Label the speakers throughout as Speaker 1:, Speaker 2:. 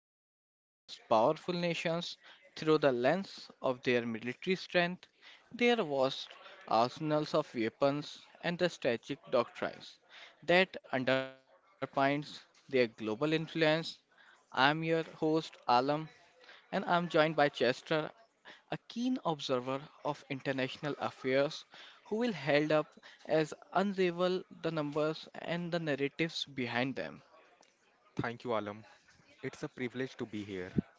Speaker 1: examine the world's most powerful nations through the lens of their military strength, their vast arsenals of weapons, and the strategic doctrines that underpins their global influence. I'm your host Alam, and I'm joined by Chester, a keen observer of international affairs who will held up as unravel the numbers and the narratives behind them.
Speaker 2: Thank you, Alam. It's a privilege to be here,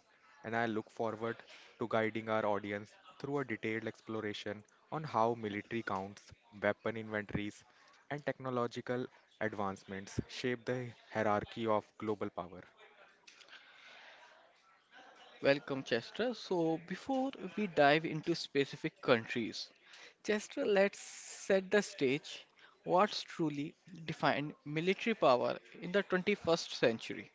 Speaker 2: and I look forward to guiding our audience through a detailed exploration on how military counts, weapon inventories, and technological advancements shape the hierarchy of global power.
Speaker 1: Welcome, Chester. So, before we dive into specific countries, Chester, let's set the stage. What's truly defined military power in the 21st century?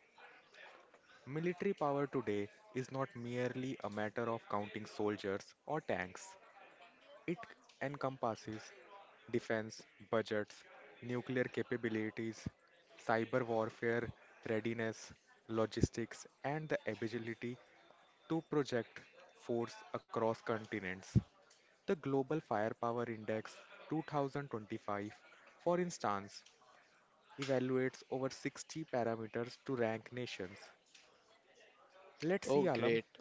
Speaker 2: Military power today is not merely a matter of counting soldiers or tanks. It encompasses defense budgets, nuclear capabilities, cyber warfare readiness, logistics, and the ability to project force across continents. The Global Firepower Index 2025, for instance, evaluates over 60 parameters to rank nations.
Speaker 1: Oh,
Speaker 2: Let's see,
Speaker 1: great.
Speaker 2: Alam,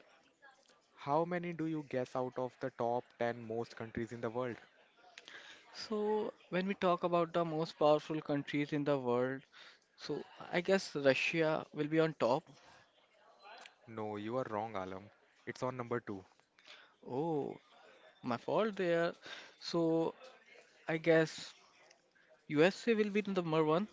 Speaker 2: how many do you guess out of the top 10 most countries in the world?
Speaker 1: So, when we talk about the most powerful countries in the world, so I guess Russia will be on top.
Speaker 2: No, you are wrong, Alam. It's on number two.
Speaker 1: Oh, my fault there. So I guess USA will be the number one.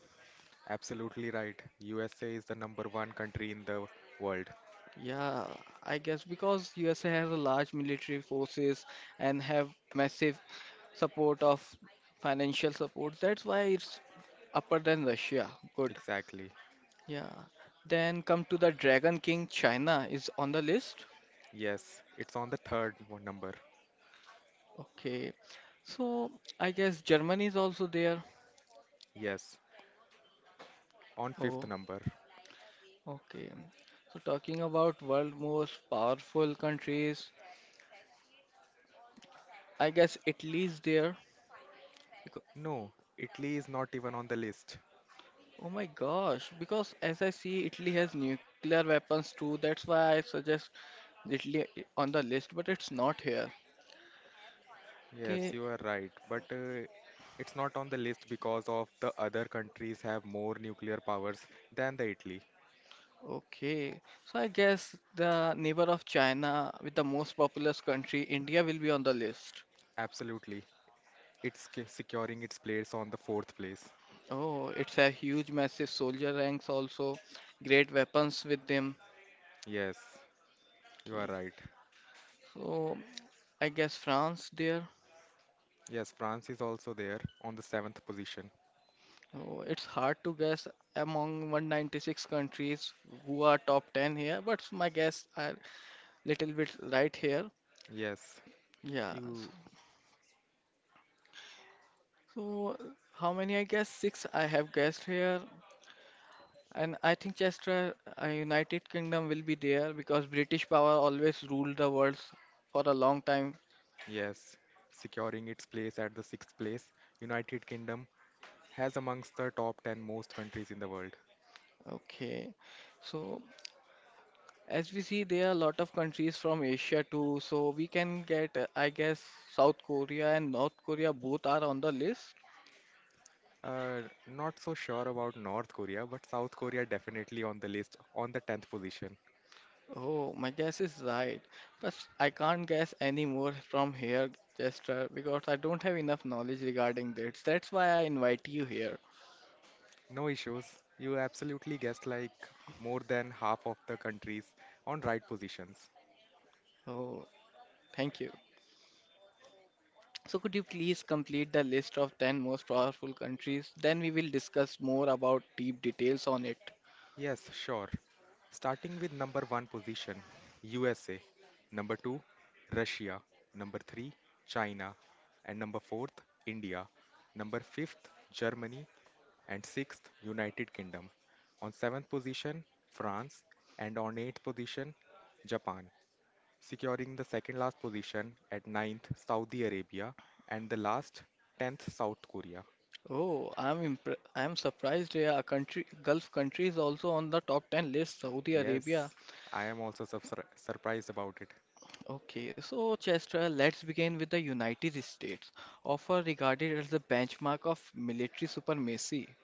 Speaker 2: Absolutely right. USA is the number one country in the world.
Speaker 1: Yeah, I guess because USA has a large military forces and have massive support of financial support. That's why it's upper than Russia. Good.
Speaker 2: Exactly.
Speaker 1: Yeah. Then come to the Dragon King. China is on the list.
Speaker 2: Yes. It's on the third one number.
Speaker 1: Okay. So I guess Germany is also there.
Speaker 2: Yes. On
Speaker 1: Oh,
Speaker 2: fifth number.
Speaker 1: okay. So talking about world most powerful countries, I guess Italy's there. Becau-
Speaker 2: No, Italy is not even on the list.
Speaker 1: Oh my gosh, because as I see, Italy has nuclear weapons too. That's why I suggest Italy on the list, but it's not here. Okay,
Speaker 2: Yes, you are right. But it's not on the list because of the other countries have more nuclear powers than the Italy.
Speaker 1: okay. So I guess the neighbor of China with the most populous country, India, will be on the list.
Speaker 2: Absolutely. It's securing its place on the fourth place.
Speaker 1: Oh, it's a huge, massive soldier ranks also. Great weapons with them.
Speaker 2: Yes, you
Speaker 1: Okay.
Speaker 2: are right.
Speaker 1: So I guess France there.
Speaker 2: Yes, France is also there on the seventh position.
Speaker 1: Oh, it's hard to guess among 196 countries who are top 10 here, but my guess are little bit right here.
Speaker 2: Yes,
Speaker 1: Yeah.
Speaker 2: you,
Speaker 1: So how many I guess? Six I have guessed here. And I think Chester, United Kingdom will be there because British power always ruled the world for a long time.
Speaker 2: yes, securing its place at the sixth place. United Kingdom has amongst the top 10 most countries in the world.
Speaker 1: Okay. So as we see, there are a lot of countries from Asia too. So we can get, I guess, South Korea and North Korea both are on the list.
Speaker 2: Not so sure about North Korea, but South Korea definitely on the list on the 10th position.
Speaker 1: Oh, my guess is right, but I can't guess any more from here, Chester, because I don't have enough knowledge regarding this. That's why I invite you here.
Speaker 2: No issues. You absolutely guessed like more than half of the countries on right positions.
Speaker 1: Oh, thank you. So, could you please complete the list of 10 most powerful countries? Then we will discuss more about deep details on it.
Speaker 2: Yes, sure. Starting with number one position, USA. Number two, Russia. Number three, China. And number fourth, India. Number fifth, Germany. And sixth, United Kingdom. On seventh position, France, and on eighth position, Japan, securing the second last position at ninth, Saudi Arabia, and the last, tenth, South Korea.
Speaker 1: Oh, I'm surprised. Yeah, a country, Gulf country is also on the top 10 list. Saudi Arabia.
Speaker 2: Yes, I am also surprised about it.
Speaker 1: Okay, so Chester, let's begin with the United States, often regarded as the benchmark of military supremacy.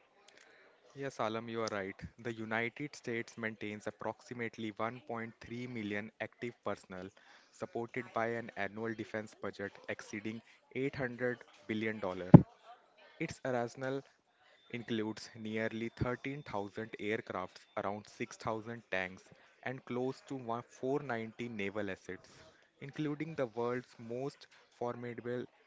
Speaker 2: Yes, Alam, you are right. The United States maintains approximately 1.3 million active personnel, supported by an annual defense budget exceeding $800 billion. Dollars. Its arsenal includes nearly 13,000 aircrafts, around 6,000 tanks, and close to 490 naval assets, including the world's most formidable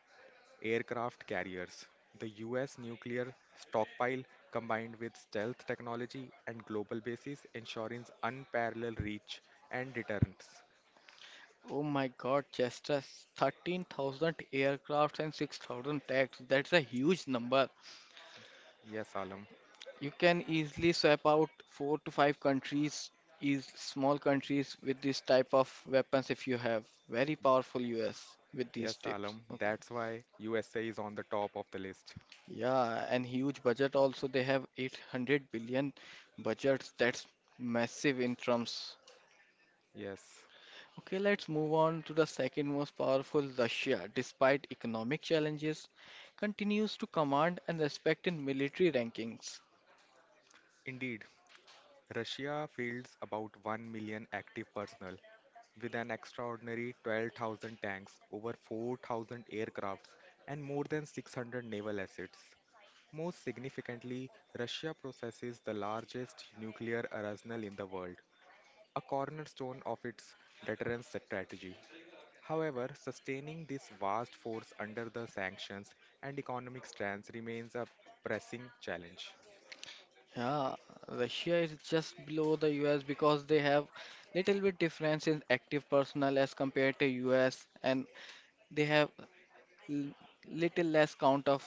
Speaker 2: aircraft carriers. The US nuclear stockpile combined with stealth technology and global bases ensures unparalleled reach and deterrence.
Speaker 1: Oh my God, Chester, 13,000 aircrafts and 6,000 tanks. That's a huge number.
Speaker 2: Yes, Alam.
Speaker 1: You can easily swap out four to five countries, is small countries with this type of weapons if you have. Very powerful US with these
Speaker 2: Yes,
Speaker 1: tips.
Speaker 2: Alam.
Speaker 1: Okay.
Speaker 2: That's why USA is on the top of the list.
Speaker 1: Yeah, and huge budget also. They have 800 billion budgets. That's massive in terms.
Speaker 2: Yes.
Speaker 1: Okay, let's move on to the second most powerful, Russia. Despite economic challenges, continues to command and respect in military rankings.
Speaker 2: Indeed, Russia fields about 1 million active personnel with an extraordinary 12,000 tanks, over 4,000 aircrafts, and more than 600 naval assets. Most significantly, Russia possesses the largest nuclear arsenal in the world, a cornerstone of its deterrence strategy. However, sustaining this vast force under the sanctions and economic stance remains a pressing challenge.
Speaker 1: Yeah, Russia is just below the US because they have little bit difference in active personnel as compared to US, and they have l- little less count of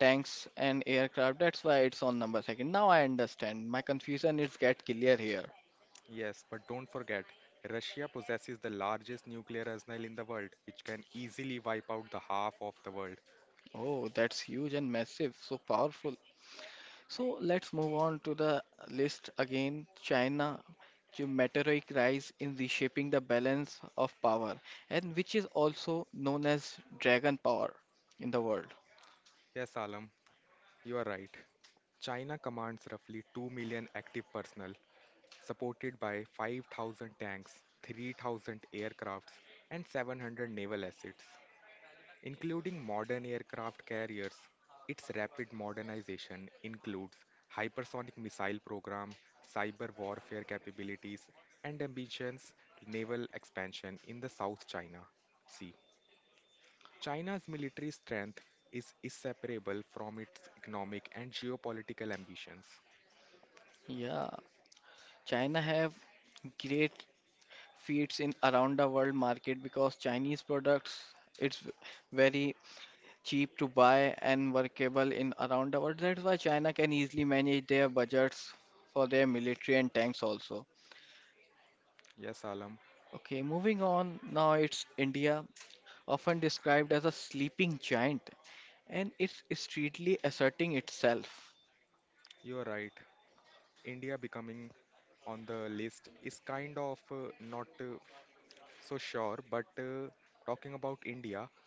Speaker 1: tanks and aircraft. That's why it's on number second. Now I understand. My confusion is get clear here.
Speaker 2: Yes, but don't forget, Russia possesses the largest nuclear arsenal in the world, which can easily wipe out the half of the world.
Speaker 1: Oh, that's huge and massive, so powerful. So let's move on to the list again. China geometric rise in reshaping the balance of power, and which is also known as dragon power in the world.
Speaker 2: Yes, Alam, you are right. China commands roughly 2 million active personnel supported by 5,000 tanks, 3,000 aircrafts, and 700 naval assets, including modern aircraft carriers. Its rapid modernization includes hypersonic missile program, cyber warfare capabilities, and ambitious naval expansion in the South China Sea. China's military strength is inseparable from its economic and geopolitical ambitions.
Speaker 1: Yeah, China have great feats in around the world market because Chinese products it's very cheap to buy and workable in around the world. That's why China can easily manage their budgets for their military and tanks also.
Speaker 2: Yes, Alam,
Speaker 1: Okay, moving on, now it's India, often described as a sleeping giant and it's steadily asserting itself.
Speaker 2: you're right. India becoming on the list is kind of not so sure, but talking about India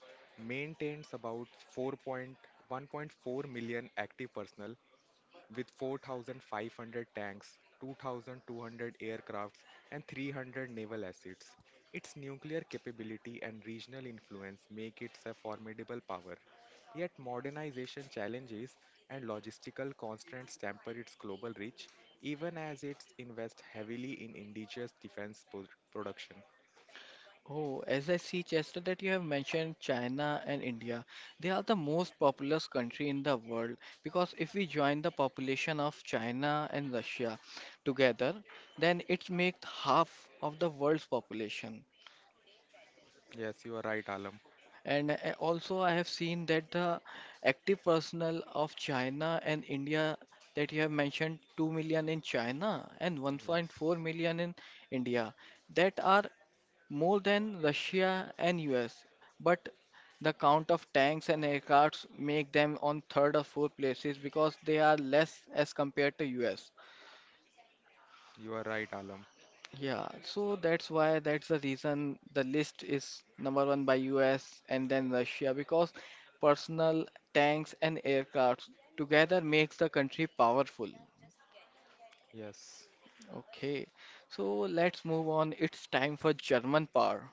Speaker 2: maintains about 4.1.4 million active personnel with 4,500 tanks, 2,200 aircrafts, and 300 naval assets. Its nuclear capability and regional influence make it a formidable power. Yet, modernization challenges and logistical constraints temper its global reach, even as it invests heavily in indigenous defense production.
Speaker 1: Oh, as I see, Chester, that you have mentioned China and India, they are the most populous country in the world because if we join the population of China and Russia together, then it makes half of the world's population.
Speaker 2: Yes, you are right, Alam.
Speaker 1: And also, I have seen that the active personnel of China and India that you have mentioned 2 million in China and 1.4
Speaker 2: Yes,
Speaker 1: million in India that are more than Russia and US, but the count of tanks and aircrafts make them on third or fourth places because they are less as compared to US.
Speaker 2: you are right, Alam.
Speaker 1: Yeah, so that's why that's the reason the list is number one by US and then Russia because personal tanks and aircrafts together makes the country powerful.
Speaker 2: Yes,
Speaker 1: Okay, so let's move on. It's time for German power.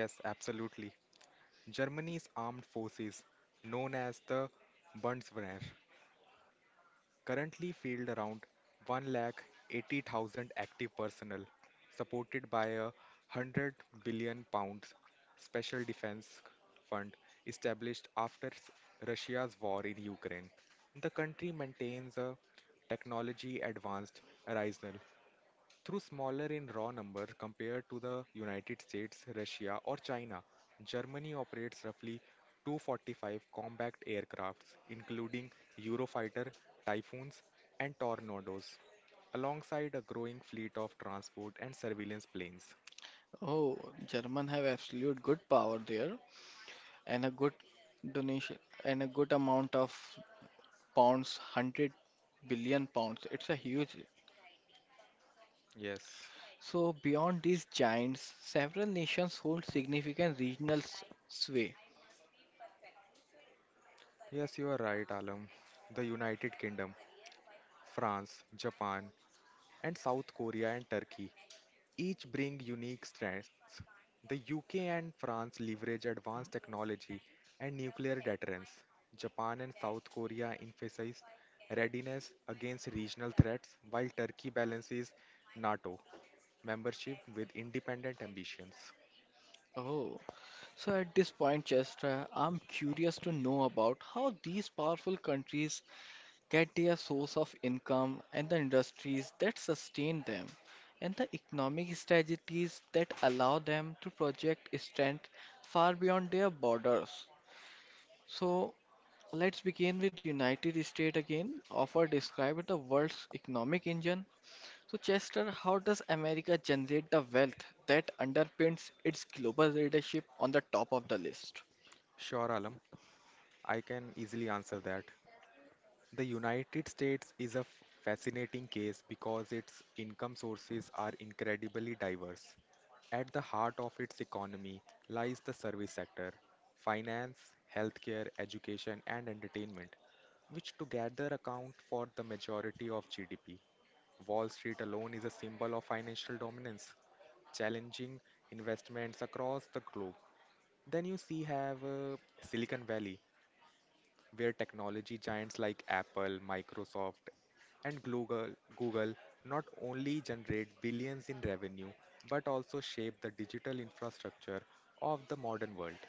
Speaker 2: yes, absolutely. Germany's armed forces, known as the Bundeswehr, currently field around 1,80,000 active personnel, supported by a 100 billion pounds special defense fund established after Russia's war in Ukraine. The country maintains a technology advanced arsenal. Though smaller in raw number compared to the United States, Russia, or China, Germany operates roughly 245 combat aircrafts, including Eurofighter, Typhoons, and Tornadoes, alongside a growing fleet of transport and surveillance planes.
Speaker 1: Oh, German have absolute good power there, and a good donation and a good amount of pounds, £100 billion. It's a huge.
Speaker 2: Yes.
Speaker 1: So beyond these giants, several nations hold significant regional sway.
Speaker 2: Yes, you are right, Alam. The United Kingdom, France, Japan, and South Korea and Turkey each bring unique strengths. The UK and France leverage advanced technology and nuclear deterrence. Japan and South Korea emphasize readiness against regional threats, while Turkey balances NATO membership with independent ambitions.
Speaker 1: Oh, so at this point, Chester, I'm curious to know about how these powerful countries get their source of income and the industries that sustain them and the economic strategies that allow them to project strength far beyond their borders. So let's begin with United States again, often described the world's economic engine. So Chester, how does America generate the wealth that underpins its global leadership on the top of the list?
Speaker 2: Sure, Alam, I can easily answer that. The United States is a fascinating case because its income sources are incredibly diverse. At the heart of its economy lies the service sector: finance, healthcare, education, and entertainment, which together account for the majority of GDP. Wall Street alone is a symbol of financial dominance, challenging investments across the globe. Then you see have Silicon Valley, where technology giants like Apple, Microsoft, and Google not only generate billions in revenue but also shape the digital infrastructure of the modern world.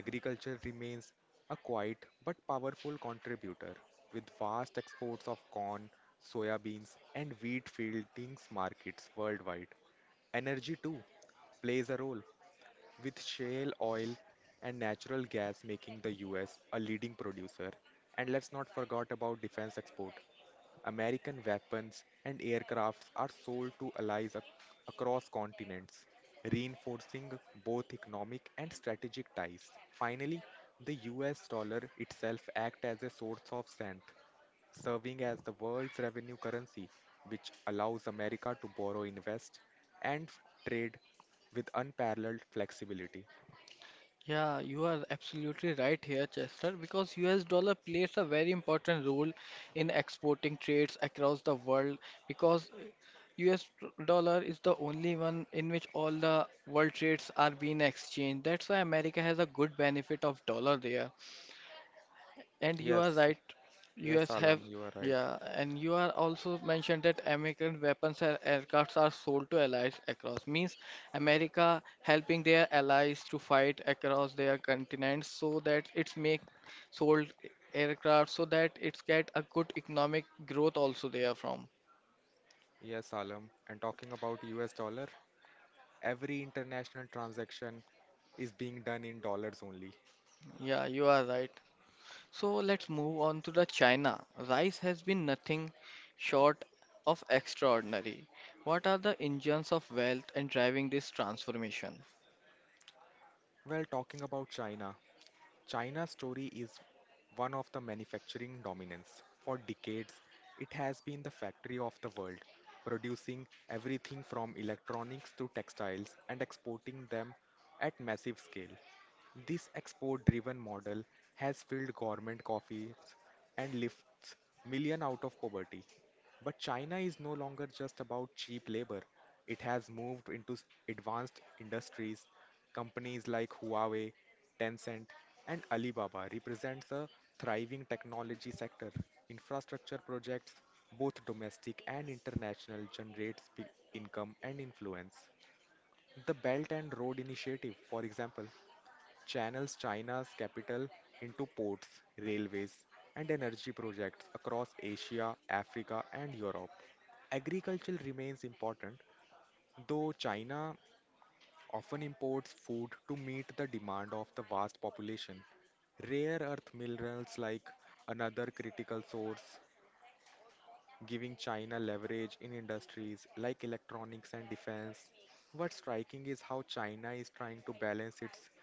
Speaker 2: Agriculture remains a quiet but powerful contributor, with vast exports of corn, soybeans, and wheat fieldings markets worldwide. Energy, too, plays a role, with shale oil and natural gas making the US a leading producer. And let's not forget about defense export. American weapons and aircrafts are sold to allies across continents, reinforcing both economic and strategic ties. Finally, the US dollar itself acts as a source of strength, serving as the world's revenue currency, which allows America to borrow, invest, and trade with unparalleled flexibility.
Speaker 1: Yeah, you are absolutely right here, Chester, because US dollar plays a very important role in exporting trades across the world because US dollar is the only one in which all the world trades are being exchanged. That's why America has a good benefit of dollar there. And you are
Speaker 2: Yes,
Speaker 1: right,
Speaker 2: yes,
Speaker 1: US have,
Speaker 2: Alam, you are right.
Speaker 1: yeah, and you are also mentioned that American weapons and aircrafts are sold to allies across. Means America helping their allies to fight across their continents so that it's make sold aircraft so that it's get a good economic growth also there from.
Speaker 2: Yes, Alam. And talking about US dollar, every international transaction is being done in dollars only.
Speaker 1: Yeah, you are right. So let's move on to the China. Rice has been nothing short of extraordinary. What are the engines of wealth and driving this transformation?
Speaker 2: Well, talking about China, China's story is one of the manufacturing dominance. For decades, it has been the factory of the world, producing everything from electronics to textiles and exporting them at massive scale. This export driven model has filled government coffers and lifts millions out of poverty. But China is no longer just about cheap labor. It has moved into advanced industries. Companies like Huawei, Tencent, and Alibaba represents a thriving technology sector. Infrastructure projects, both domestic and international, generates big income and influence. The Belt and Road Initiative, for example, channels China's capital into ports, railways, and energy projects across Asia, Africa, and Europe. Agriculture remains important, though China often imports food to meet the demand of the vast population. Rare earth minerals like another critical source, giving China leverage in industries like electronics and defense. What's striking is how China is trying to balance its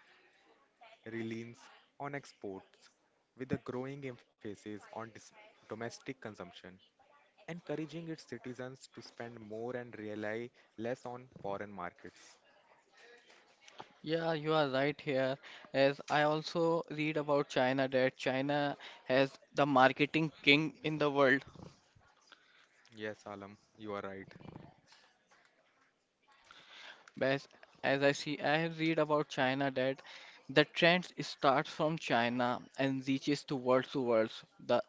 Speaker 2: reliance on exports with a growing emphasis on domestic consumption, encouraging its citizens to spend more and rely less on foreign markets.
Speaker 1: Yeah, you are right here. As I also read about China, that China has the marketing king in the world.
Speaker 2: Yes, Alam, you are right.
Speaker 1: As, as I see, I read about China that the trend starts from China and reaches towards the world. The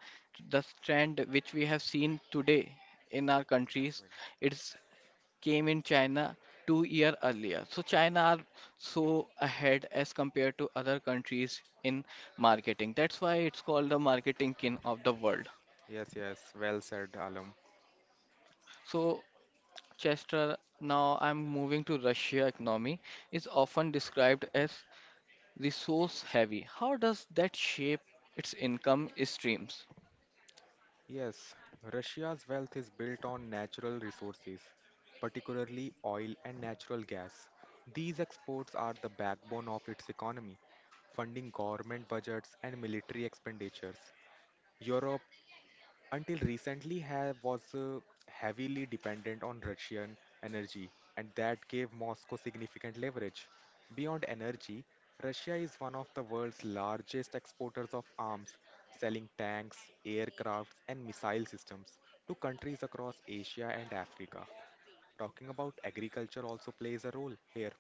Speaker 1: the trend which we have seen today in our
Speaker 2: That's
Speaker 1: countries,
Speaker 2: when.
Speaker 1: it's came in China 2 year earlier. So China are so ahead as compared to other countries in marketing. That's why it's called the marketing king of the world.
Speaker 2: Yes, yes, well said, Alam.
Speaker 1: So Chester, now I'm moving to Russia economy, is often described as resource heavy. How does that shape its income streams?
Speaker 2: Yes, Russia's wealth is built on natural resources, particularly oil and natural gas. These exports are the backbone of its economy, funding government budgets and military expenditures. Europe until recently ha was heavily dependent on Russian energy, and that gave Moscow significant leverage. Beyond energy, Russia is one of the world's largest exporters of arms, selling tanks, aircrafts, and missile systems to countries across Asia and Africa. Talking about agriculture also plays a role here.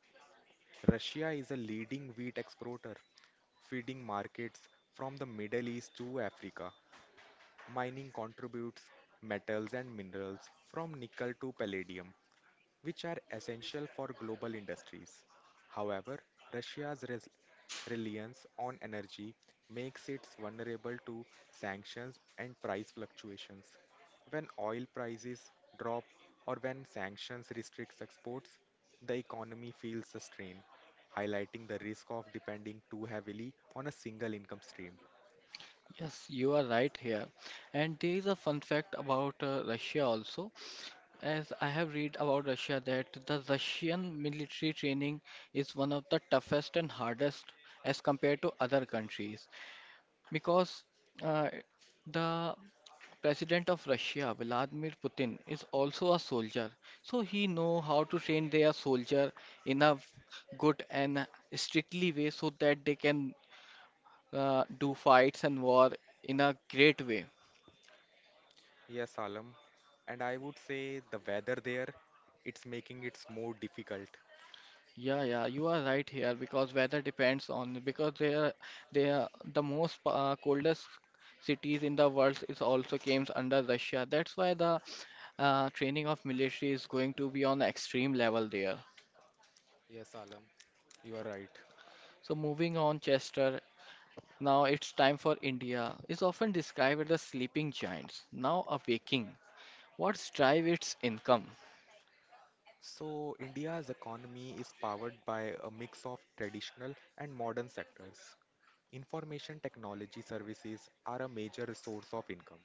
Speaker 2: Russia is a leading wheat exporter, feeding markets from the Middle East to Africa. Mining contributes metals and minerals from nickel to palladium, which are essential for global industries. However, Russia's reliance on energy makes it vulnerable to sanctions and price fluctuations. When oil prices drop or when sanctions restrict exports, the economy feels the strain, highlighting the risk of depending too heavily on a single income stream.
Speaker 1: Yes, you are right here. And there is a fun fact about Russia also. As I have read about Russia that the Russian military training is one of the toughest and hardest as compared to other countries because uh, the President of Russia Vladimir Putin is also a soldier, so he know how to train their soldier in a good and strictly way so that they can do fights and war in a great way.
Speaker 2: Yes, Alam. And I would say the weather there, it's making it more difficult.
Speaker 1: Yeah, yeah, you are right here because weather depends on because they are the most coldest cities in the world is also comes under Russia. That's why the training of military is going to be on extreme level there.
Speaker 2: Yes, Alam, you are right.
Speaker 1: So moving on, Chester, now it's time for India is often described as the sleeping giants, now awaking. What's drive its income?
Speaker 2: So, India's economy is powered by a mix of traditional and modern sectors. Information technology services are a major source of income.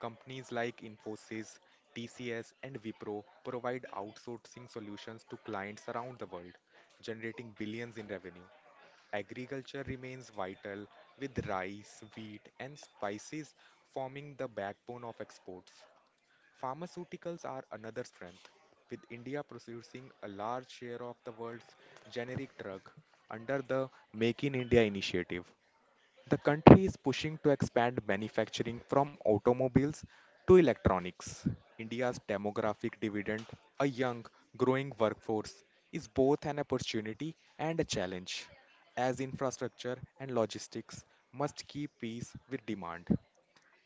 Speaker 2: Companies like Infosys, TCS, and Wipro provide outsourcing solutions to clients around the world, generating billions in revenue. Agriculture remains vital, with rice, wheat, and spices forming the backbone of exports. Pharmaceuticals are another strength, with India producing a large share of the world's generic drug under the Make in India initiative. The country is pushing to expand manufacturing from automobiles to electronics. India's demographic dividend, a young, growing workforce, is both an opportunity and a challenge, as infrastructure and logistics must keep pace with demand.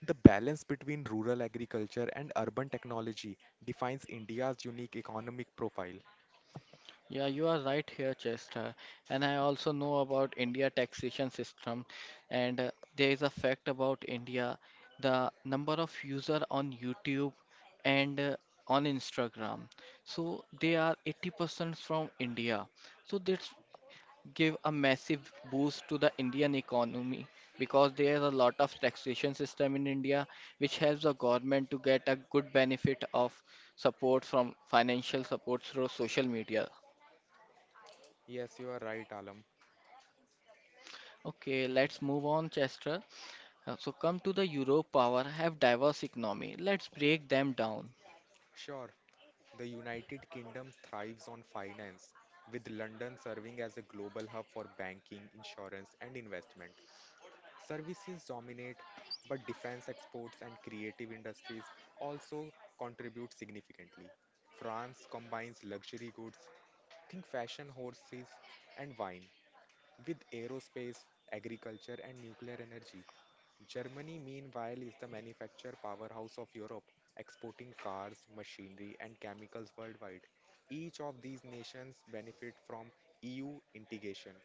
Speaker 2: The balance between rural agriculture and urban technology defines India's unique economic profile.
Speaker 1: Yeah, you are right here, Chester. And I also know about India taxation system and there is a fact about India, the number of user on YouTube and on Instagram. So they are 80% from India. So that's give a massive boost to the Indian economy because there is a lot of taxation system in India which helps the government to get a good benefit of support from financial support through social media.
Speaker 2: Yes, you are right, Alam.
Speaker 1: Okay, let's move on, Chester. So come to the Europe power have diverse economy. Let's break them down.
Speaker 2: Sure. The United Kingdom thrives on finance, with London serving as a global hub for banking, insurance, and investment. Services dominate, but defense exports and creative industries also contribute significantly. France combines luxury goods, think fashion, horses, and wine, with aerospace, agriculture, and nuclear energy. Germany, meanwhile, is the manufacture powerhouse of Europe, exporting cars, machinery, and chemicals worldwide. Each of these nations benefit from EU integration,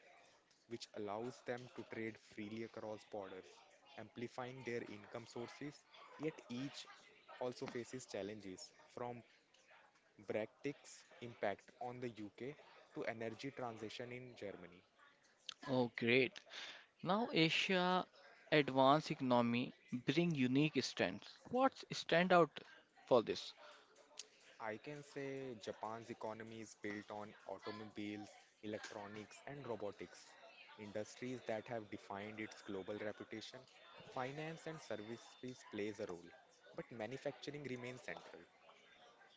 Speaker 2: which allows them to trade freely across borders, amplifying their income sources. Yet each also faces challenges, from Brexit's impact on the UK to energy transition in Germany.
Speaker 1: Oh, great. Now Asia advanced economy bring unique strengths. What's stand out for this?
Speaker 2: I can say Japan's economy is built on automobiles, electronics, and robotics, industries that have defined its global reputation. Finance and services plays a role, but manufacturing remains central.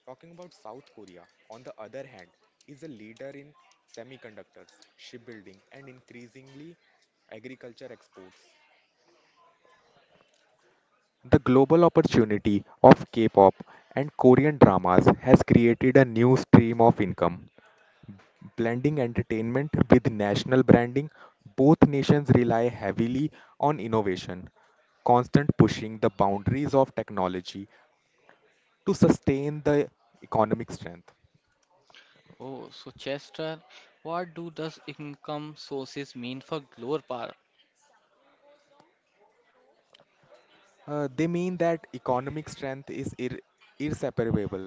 Speaker 2: Talking about South Korea, on the other hand, is a leader in semiconductors, shipbuilding, and increasingly agriculture exports. The global opportunity of K pop and Korean dramas has created a new stream of income, blending entertainment with national branding. Both nations rely heavily on innovation, constant pushing the boundaries of technology to sustain the economic strength.
Speaker 1: Oh, so Chester, what do does income sources mean for global power?
Speaker 2: They mean that economic strength is inseparable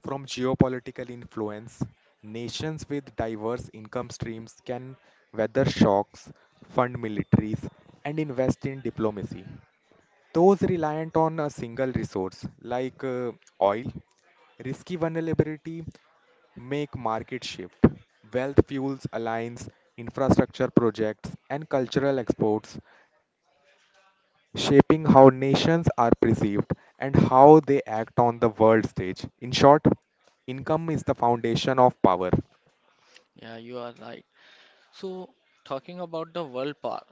Speaker 2: from geopolitical influence. Nations with diverse income streams can weather shocks, fund militaries, and invest in diplomacy. Those reliant on a single resource like oil risky vulnerability make market shift. Wealth fuels alliance, infrastructure projects, and cultural exports, shaping how nations are perceived and how they act on the world stage. In short, income is the foundation of power.
Speaker 1: Yeah, you are right. So talking about the world power,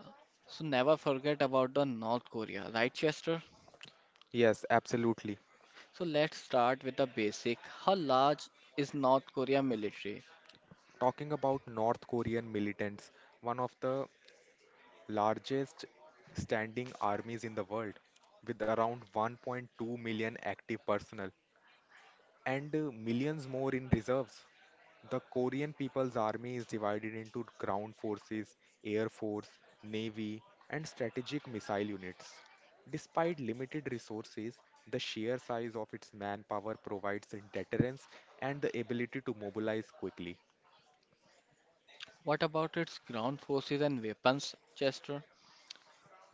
Speaker 1: so never forget about the North Korea, right, Chester?
Speaker 2: Yes, absolutely.
Speaker 1: So let's start with the basic. How large is North Korea military?
Speaker 2: Talking about North Korean militants, one of the largest standing armies in the world, with around 1.2 million active personnel and millions more in reserves. The Korean People's Army is divided into ground forces, air force, navy, and strategic missile units. Despite limited resources, the sheer size of its manpower provides deterrence and the ability to mobilize quickly.
Speaker 1: What about its ground forces and weapons, Chester?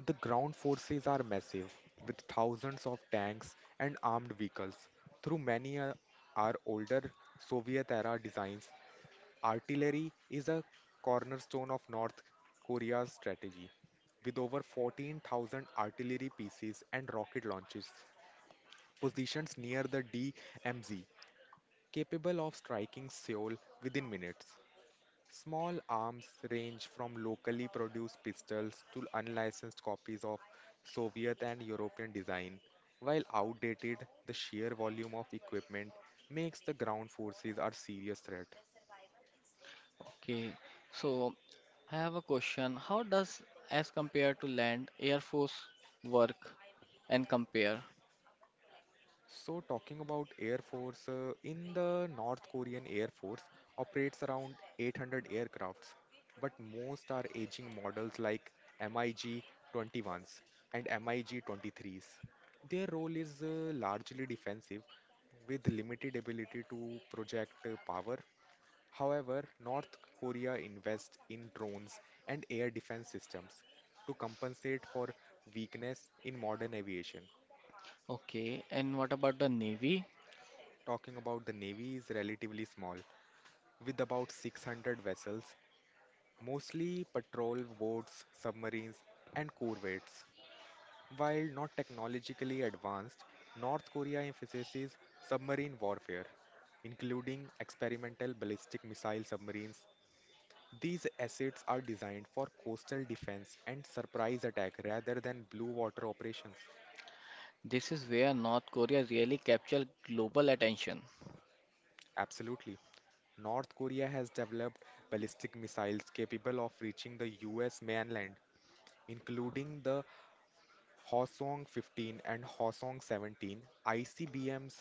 Speaker 2: The ground forces are massive, with thousands of tanks and armed vehicles. Through many are older Soviet era designs. Artillery is a cornerstone of North Korea's strategy, with over 14,000 artillery pieces and rocket launches positioned near the DMZ, capable of striking Seoul within minutes. Small arms range from locally produced pistols to unlicensed copies of Soviet and European design. While outdated, the sheer volume of equipment makes the ground forces a serious threat.
Speaker 1: Okay, so I have a question. How does as compared to land, air force work and compare?
Speaker 2: So, talking about Air Force, in the North Korean Air Force operates around 800 aircrafts, but most are aging models like MiG 21s and MiG 23s. Their role is largely defensive with limited ability to project power. However, North Korea invests in drones and air defense systems to compensate for weakness in modern aviation.
Speaker 1: Okay, and what about the Navy?
Speaker 2: Talking about the Navy is relatively small, with about 600 vessels, mostly patrol boats, submarines, and corvettes. While not technologically advanced, North Korea emphasizes submarine warfare, including experimental ballistic missile submarines. These assets are designed for coastal defense and surprise attack rather than blue water operations.
Speaker 1: This is where North Korea really captured global attention.
Speaker 2: Absolutely. North Korea has developed ballistic missiles capable of reaching the US mainland, including the Hwasong 15 and Hwasong 17 ICBMs.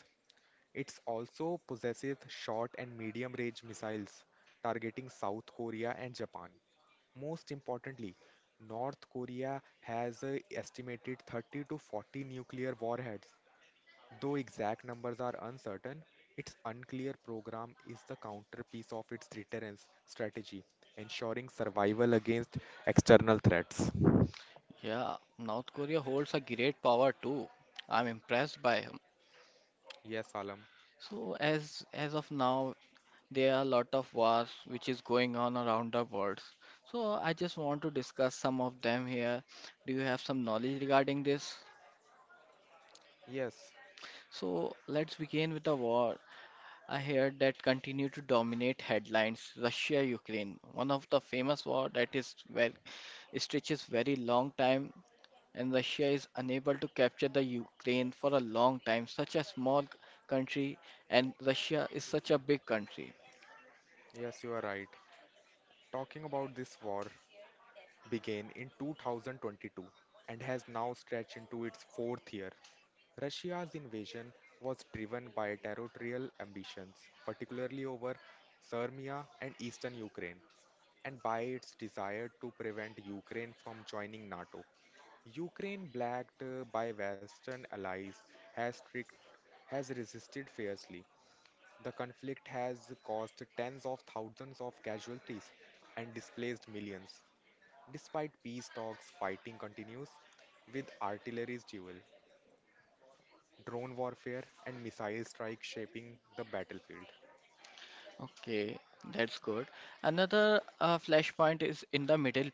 Speaker 2: It also possesses short and medium range missiles targeting South Korea and Japan. Most importantly, North Korea has an estimated 30 to 40 nuclear warheads. Though exact numbers are uncertain, its unclear program is the counterpiece of its deterrence strategy, ensuring survival against external threats.
Speaker 1: Yeah, North Korea holds a great power too. I'm impressed by him.
Speaker 2: Yes, Alam.
Speaker 1: So as of now, there are a lot of wars which is going on around the world. So I just want to discuss some of them here. Do you have some knowledge regarding this?
Speaker 2: Yes,
Speaker 1: So let's begin with the war. I heard that continue to dominate headlines, Russia-Ukraine, one of the famous war that is well stretches very long time and Russia is unable to capture the Ukraine for a long time. Such a small country and Russia is such a big country.
Speaker 2: yes, you are right. Talking about this war began in 2022 and has now stretched into its fourth year. Russia's invasion was driven by territorial ambitions, particularly over Serbia and eastern Ukraine, and by its desire to prevent Ukraine from joining NATO. Ukraine, backed by Western allies, has, strict, has resisted fiercely. The conflict has caused tens of thousands of casualties and displaced millions. Despite peace talks, fighting continues with artillery's duel, drone warfare, and missile strikes shaping the battlefield.
Speaker 1: Okay, that's good. Another flashpoint is in the Middle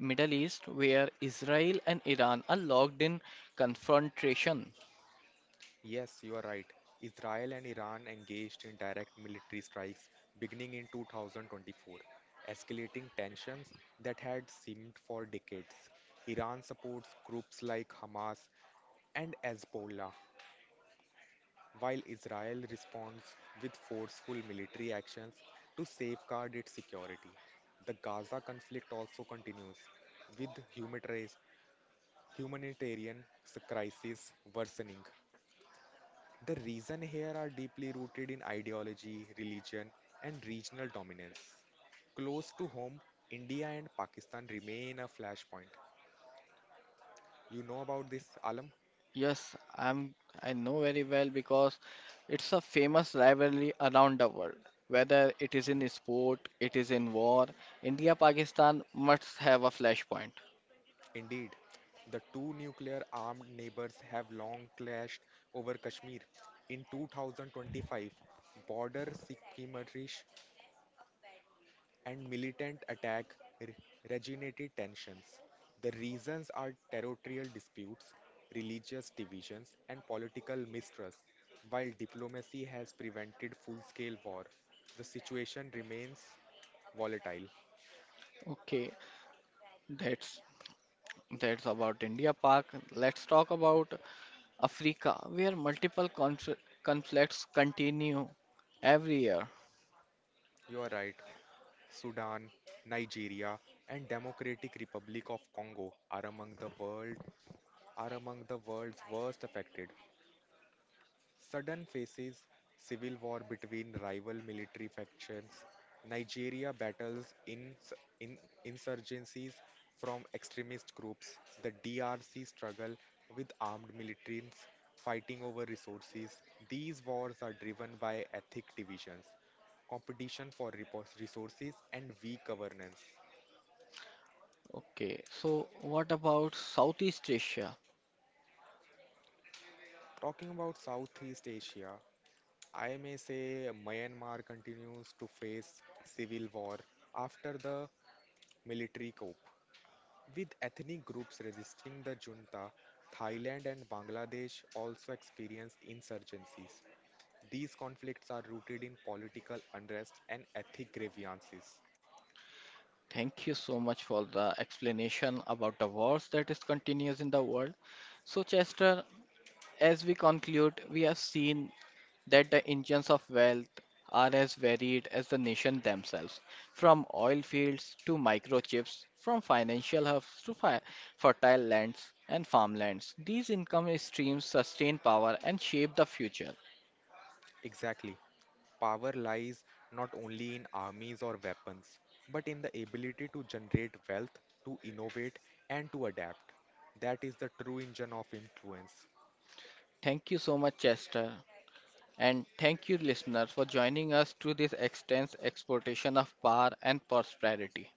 Speaker 1: Middle East where Israel and Iran are locked in confrontation.
Speaker 2: Yes, you are right. Israel and Iran engaged in direct military strikes beginning in 2024, escalating tensions that had seemed for decades. Iran supports groups like Hamas and Hezbollah, while Israel responds with forceful military actions to safeguard its security. The Gaza conflict also continues, with humanitarian crisis worsening. The reason here are deeply rooted in ideology, religion, and regional dominance. Close to home, India and Pakistan remain a flashpoint. You know about this, Alam?
Speaker 1: Yes, I know very well because it's a famous rivalry around the world. Whether it is in sport, it is in war, India Pakistan must have a flashpoint.
Speaker 2: Indeed, the two nuclear armed neighbors have long clashed over Kashmir. In 2025, border skirmishes and militant attack re- regenerated tensions. The reasons are territorial disputes, religious divisions, and political mistrust. While diplomacy has prevented full scale war, the situation remains volatile.
Speaker 1: Okay, that's that's about India Pak. Let's talk about Africa, where multiple conflicts continue every year.
Speaker 2: You are right. Sudan, Nigeria, and Democratic Republic of Congo are among the world's worst affected. Sudan faces civil war between rival military factions. Nigeria battles ins- in insurgencies from extremist groups. The DRC struggle with armed militants fighting over resources. These wars are driven by ethnic divisions, competition for resources, and weak governance.
Speaker 1: Okay, so what about Southeast Asia?
Speaker 2: Talking about Southeast Asia, I may say Myanmar continues to face civil war after the military coup, with ethnic groups resisting the junta. Thailand and Bangladesh also experienced insurgencies. These conflicts are rooted in political unrest and ethnic grievances.
Speaker 1: Thank you so much for the explanation about the wars that is continuous in the world. So, Chester, as we conclude, we have seen that the engines of wealth are as varied as the nation themselves, from oil fields to microchips, from financial hubs to fertile lands and farmlands. These income streams sustain power and shape the future.
Speaker 2: Exactly. Power lies not only in armies or weapons, but in the ability to generate wealth, to innovate, and to adapt. That is the true engine of influence.
Speaker 1: Thank you so much, Chester. And thank you, listeners, for joining us through this extensive exploitation of power and prosperity.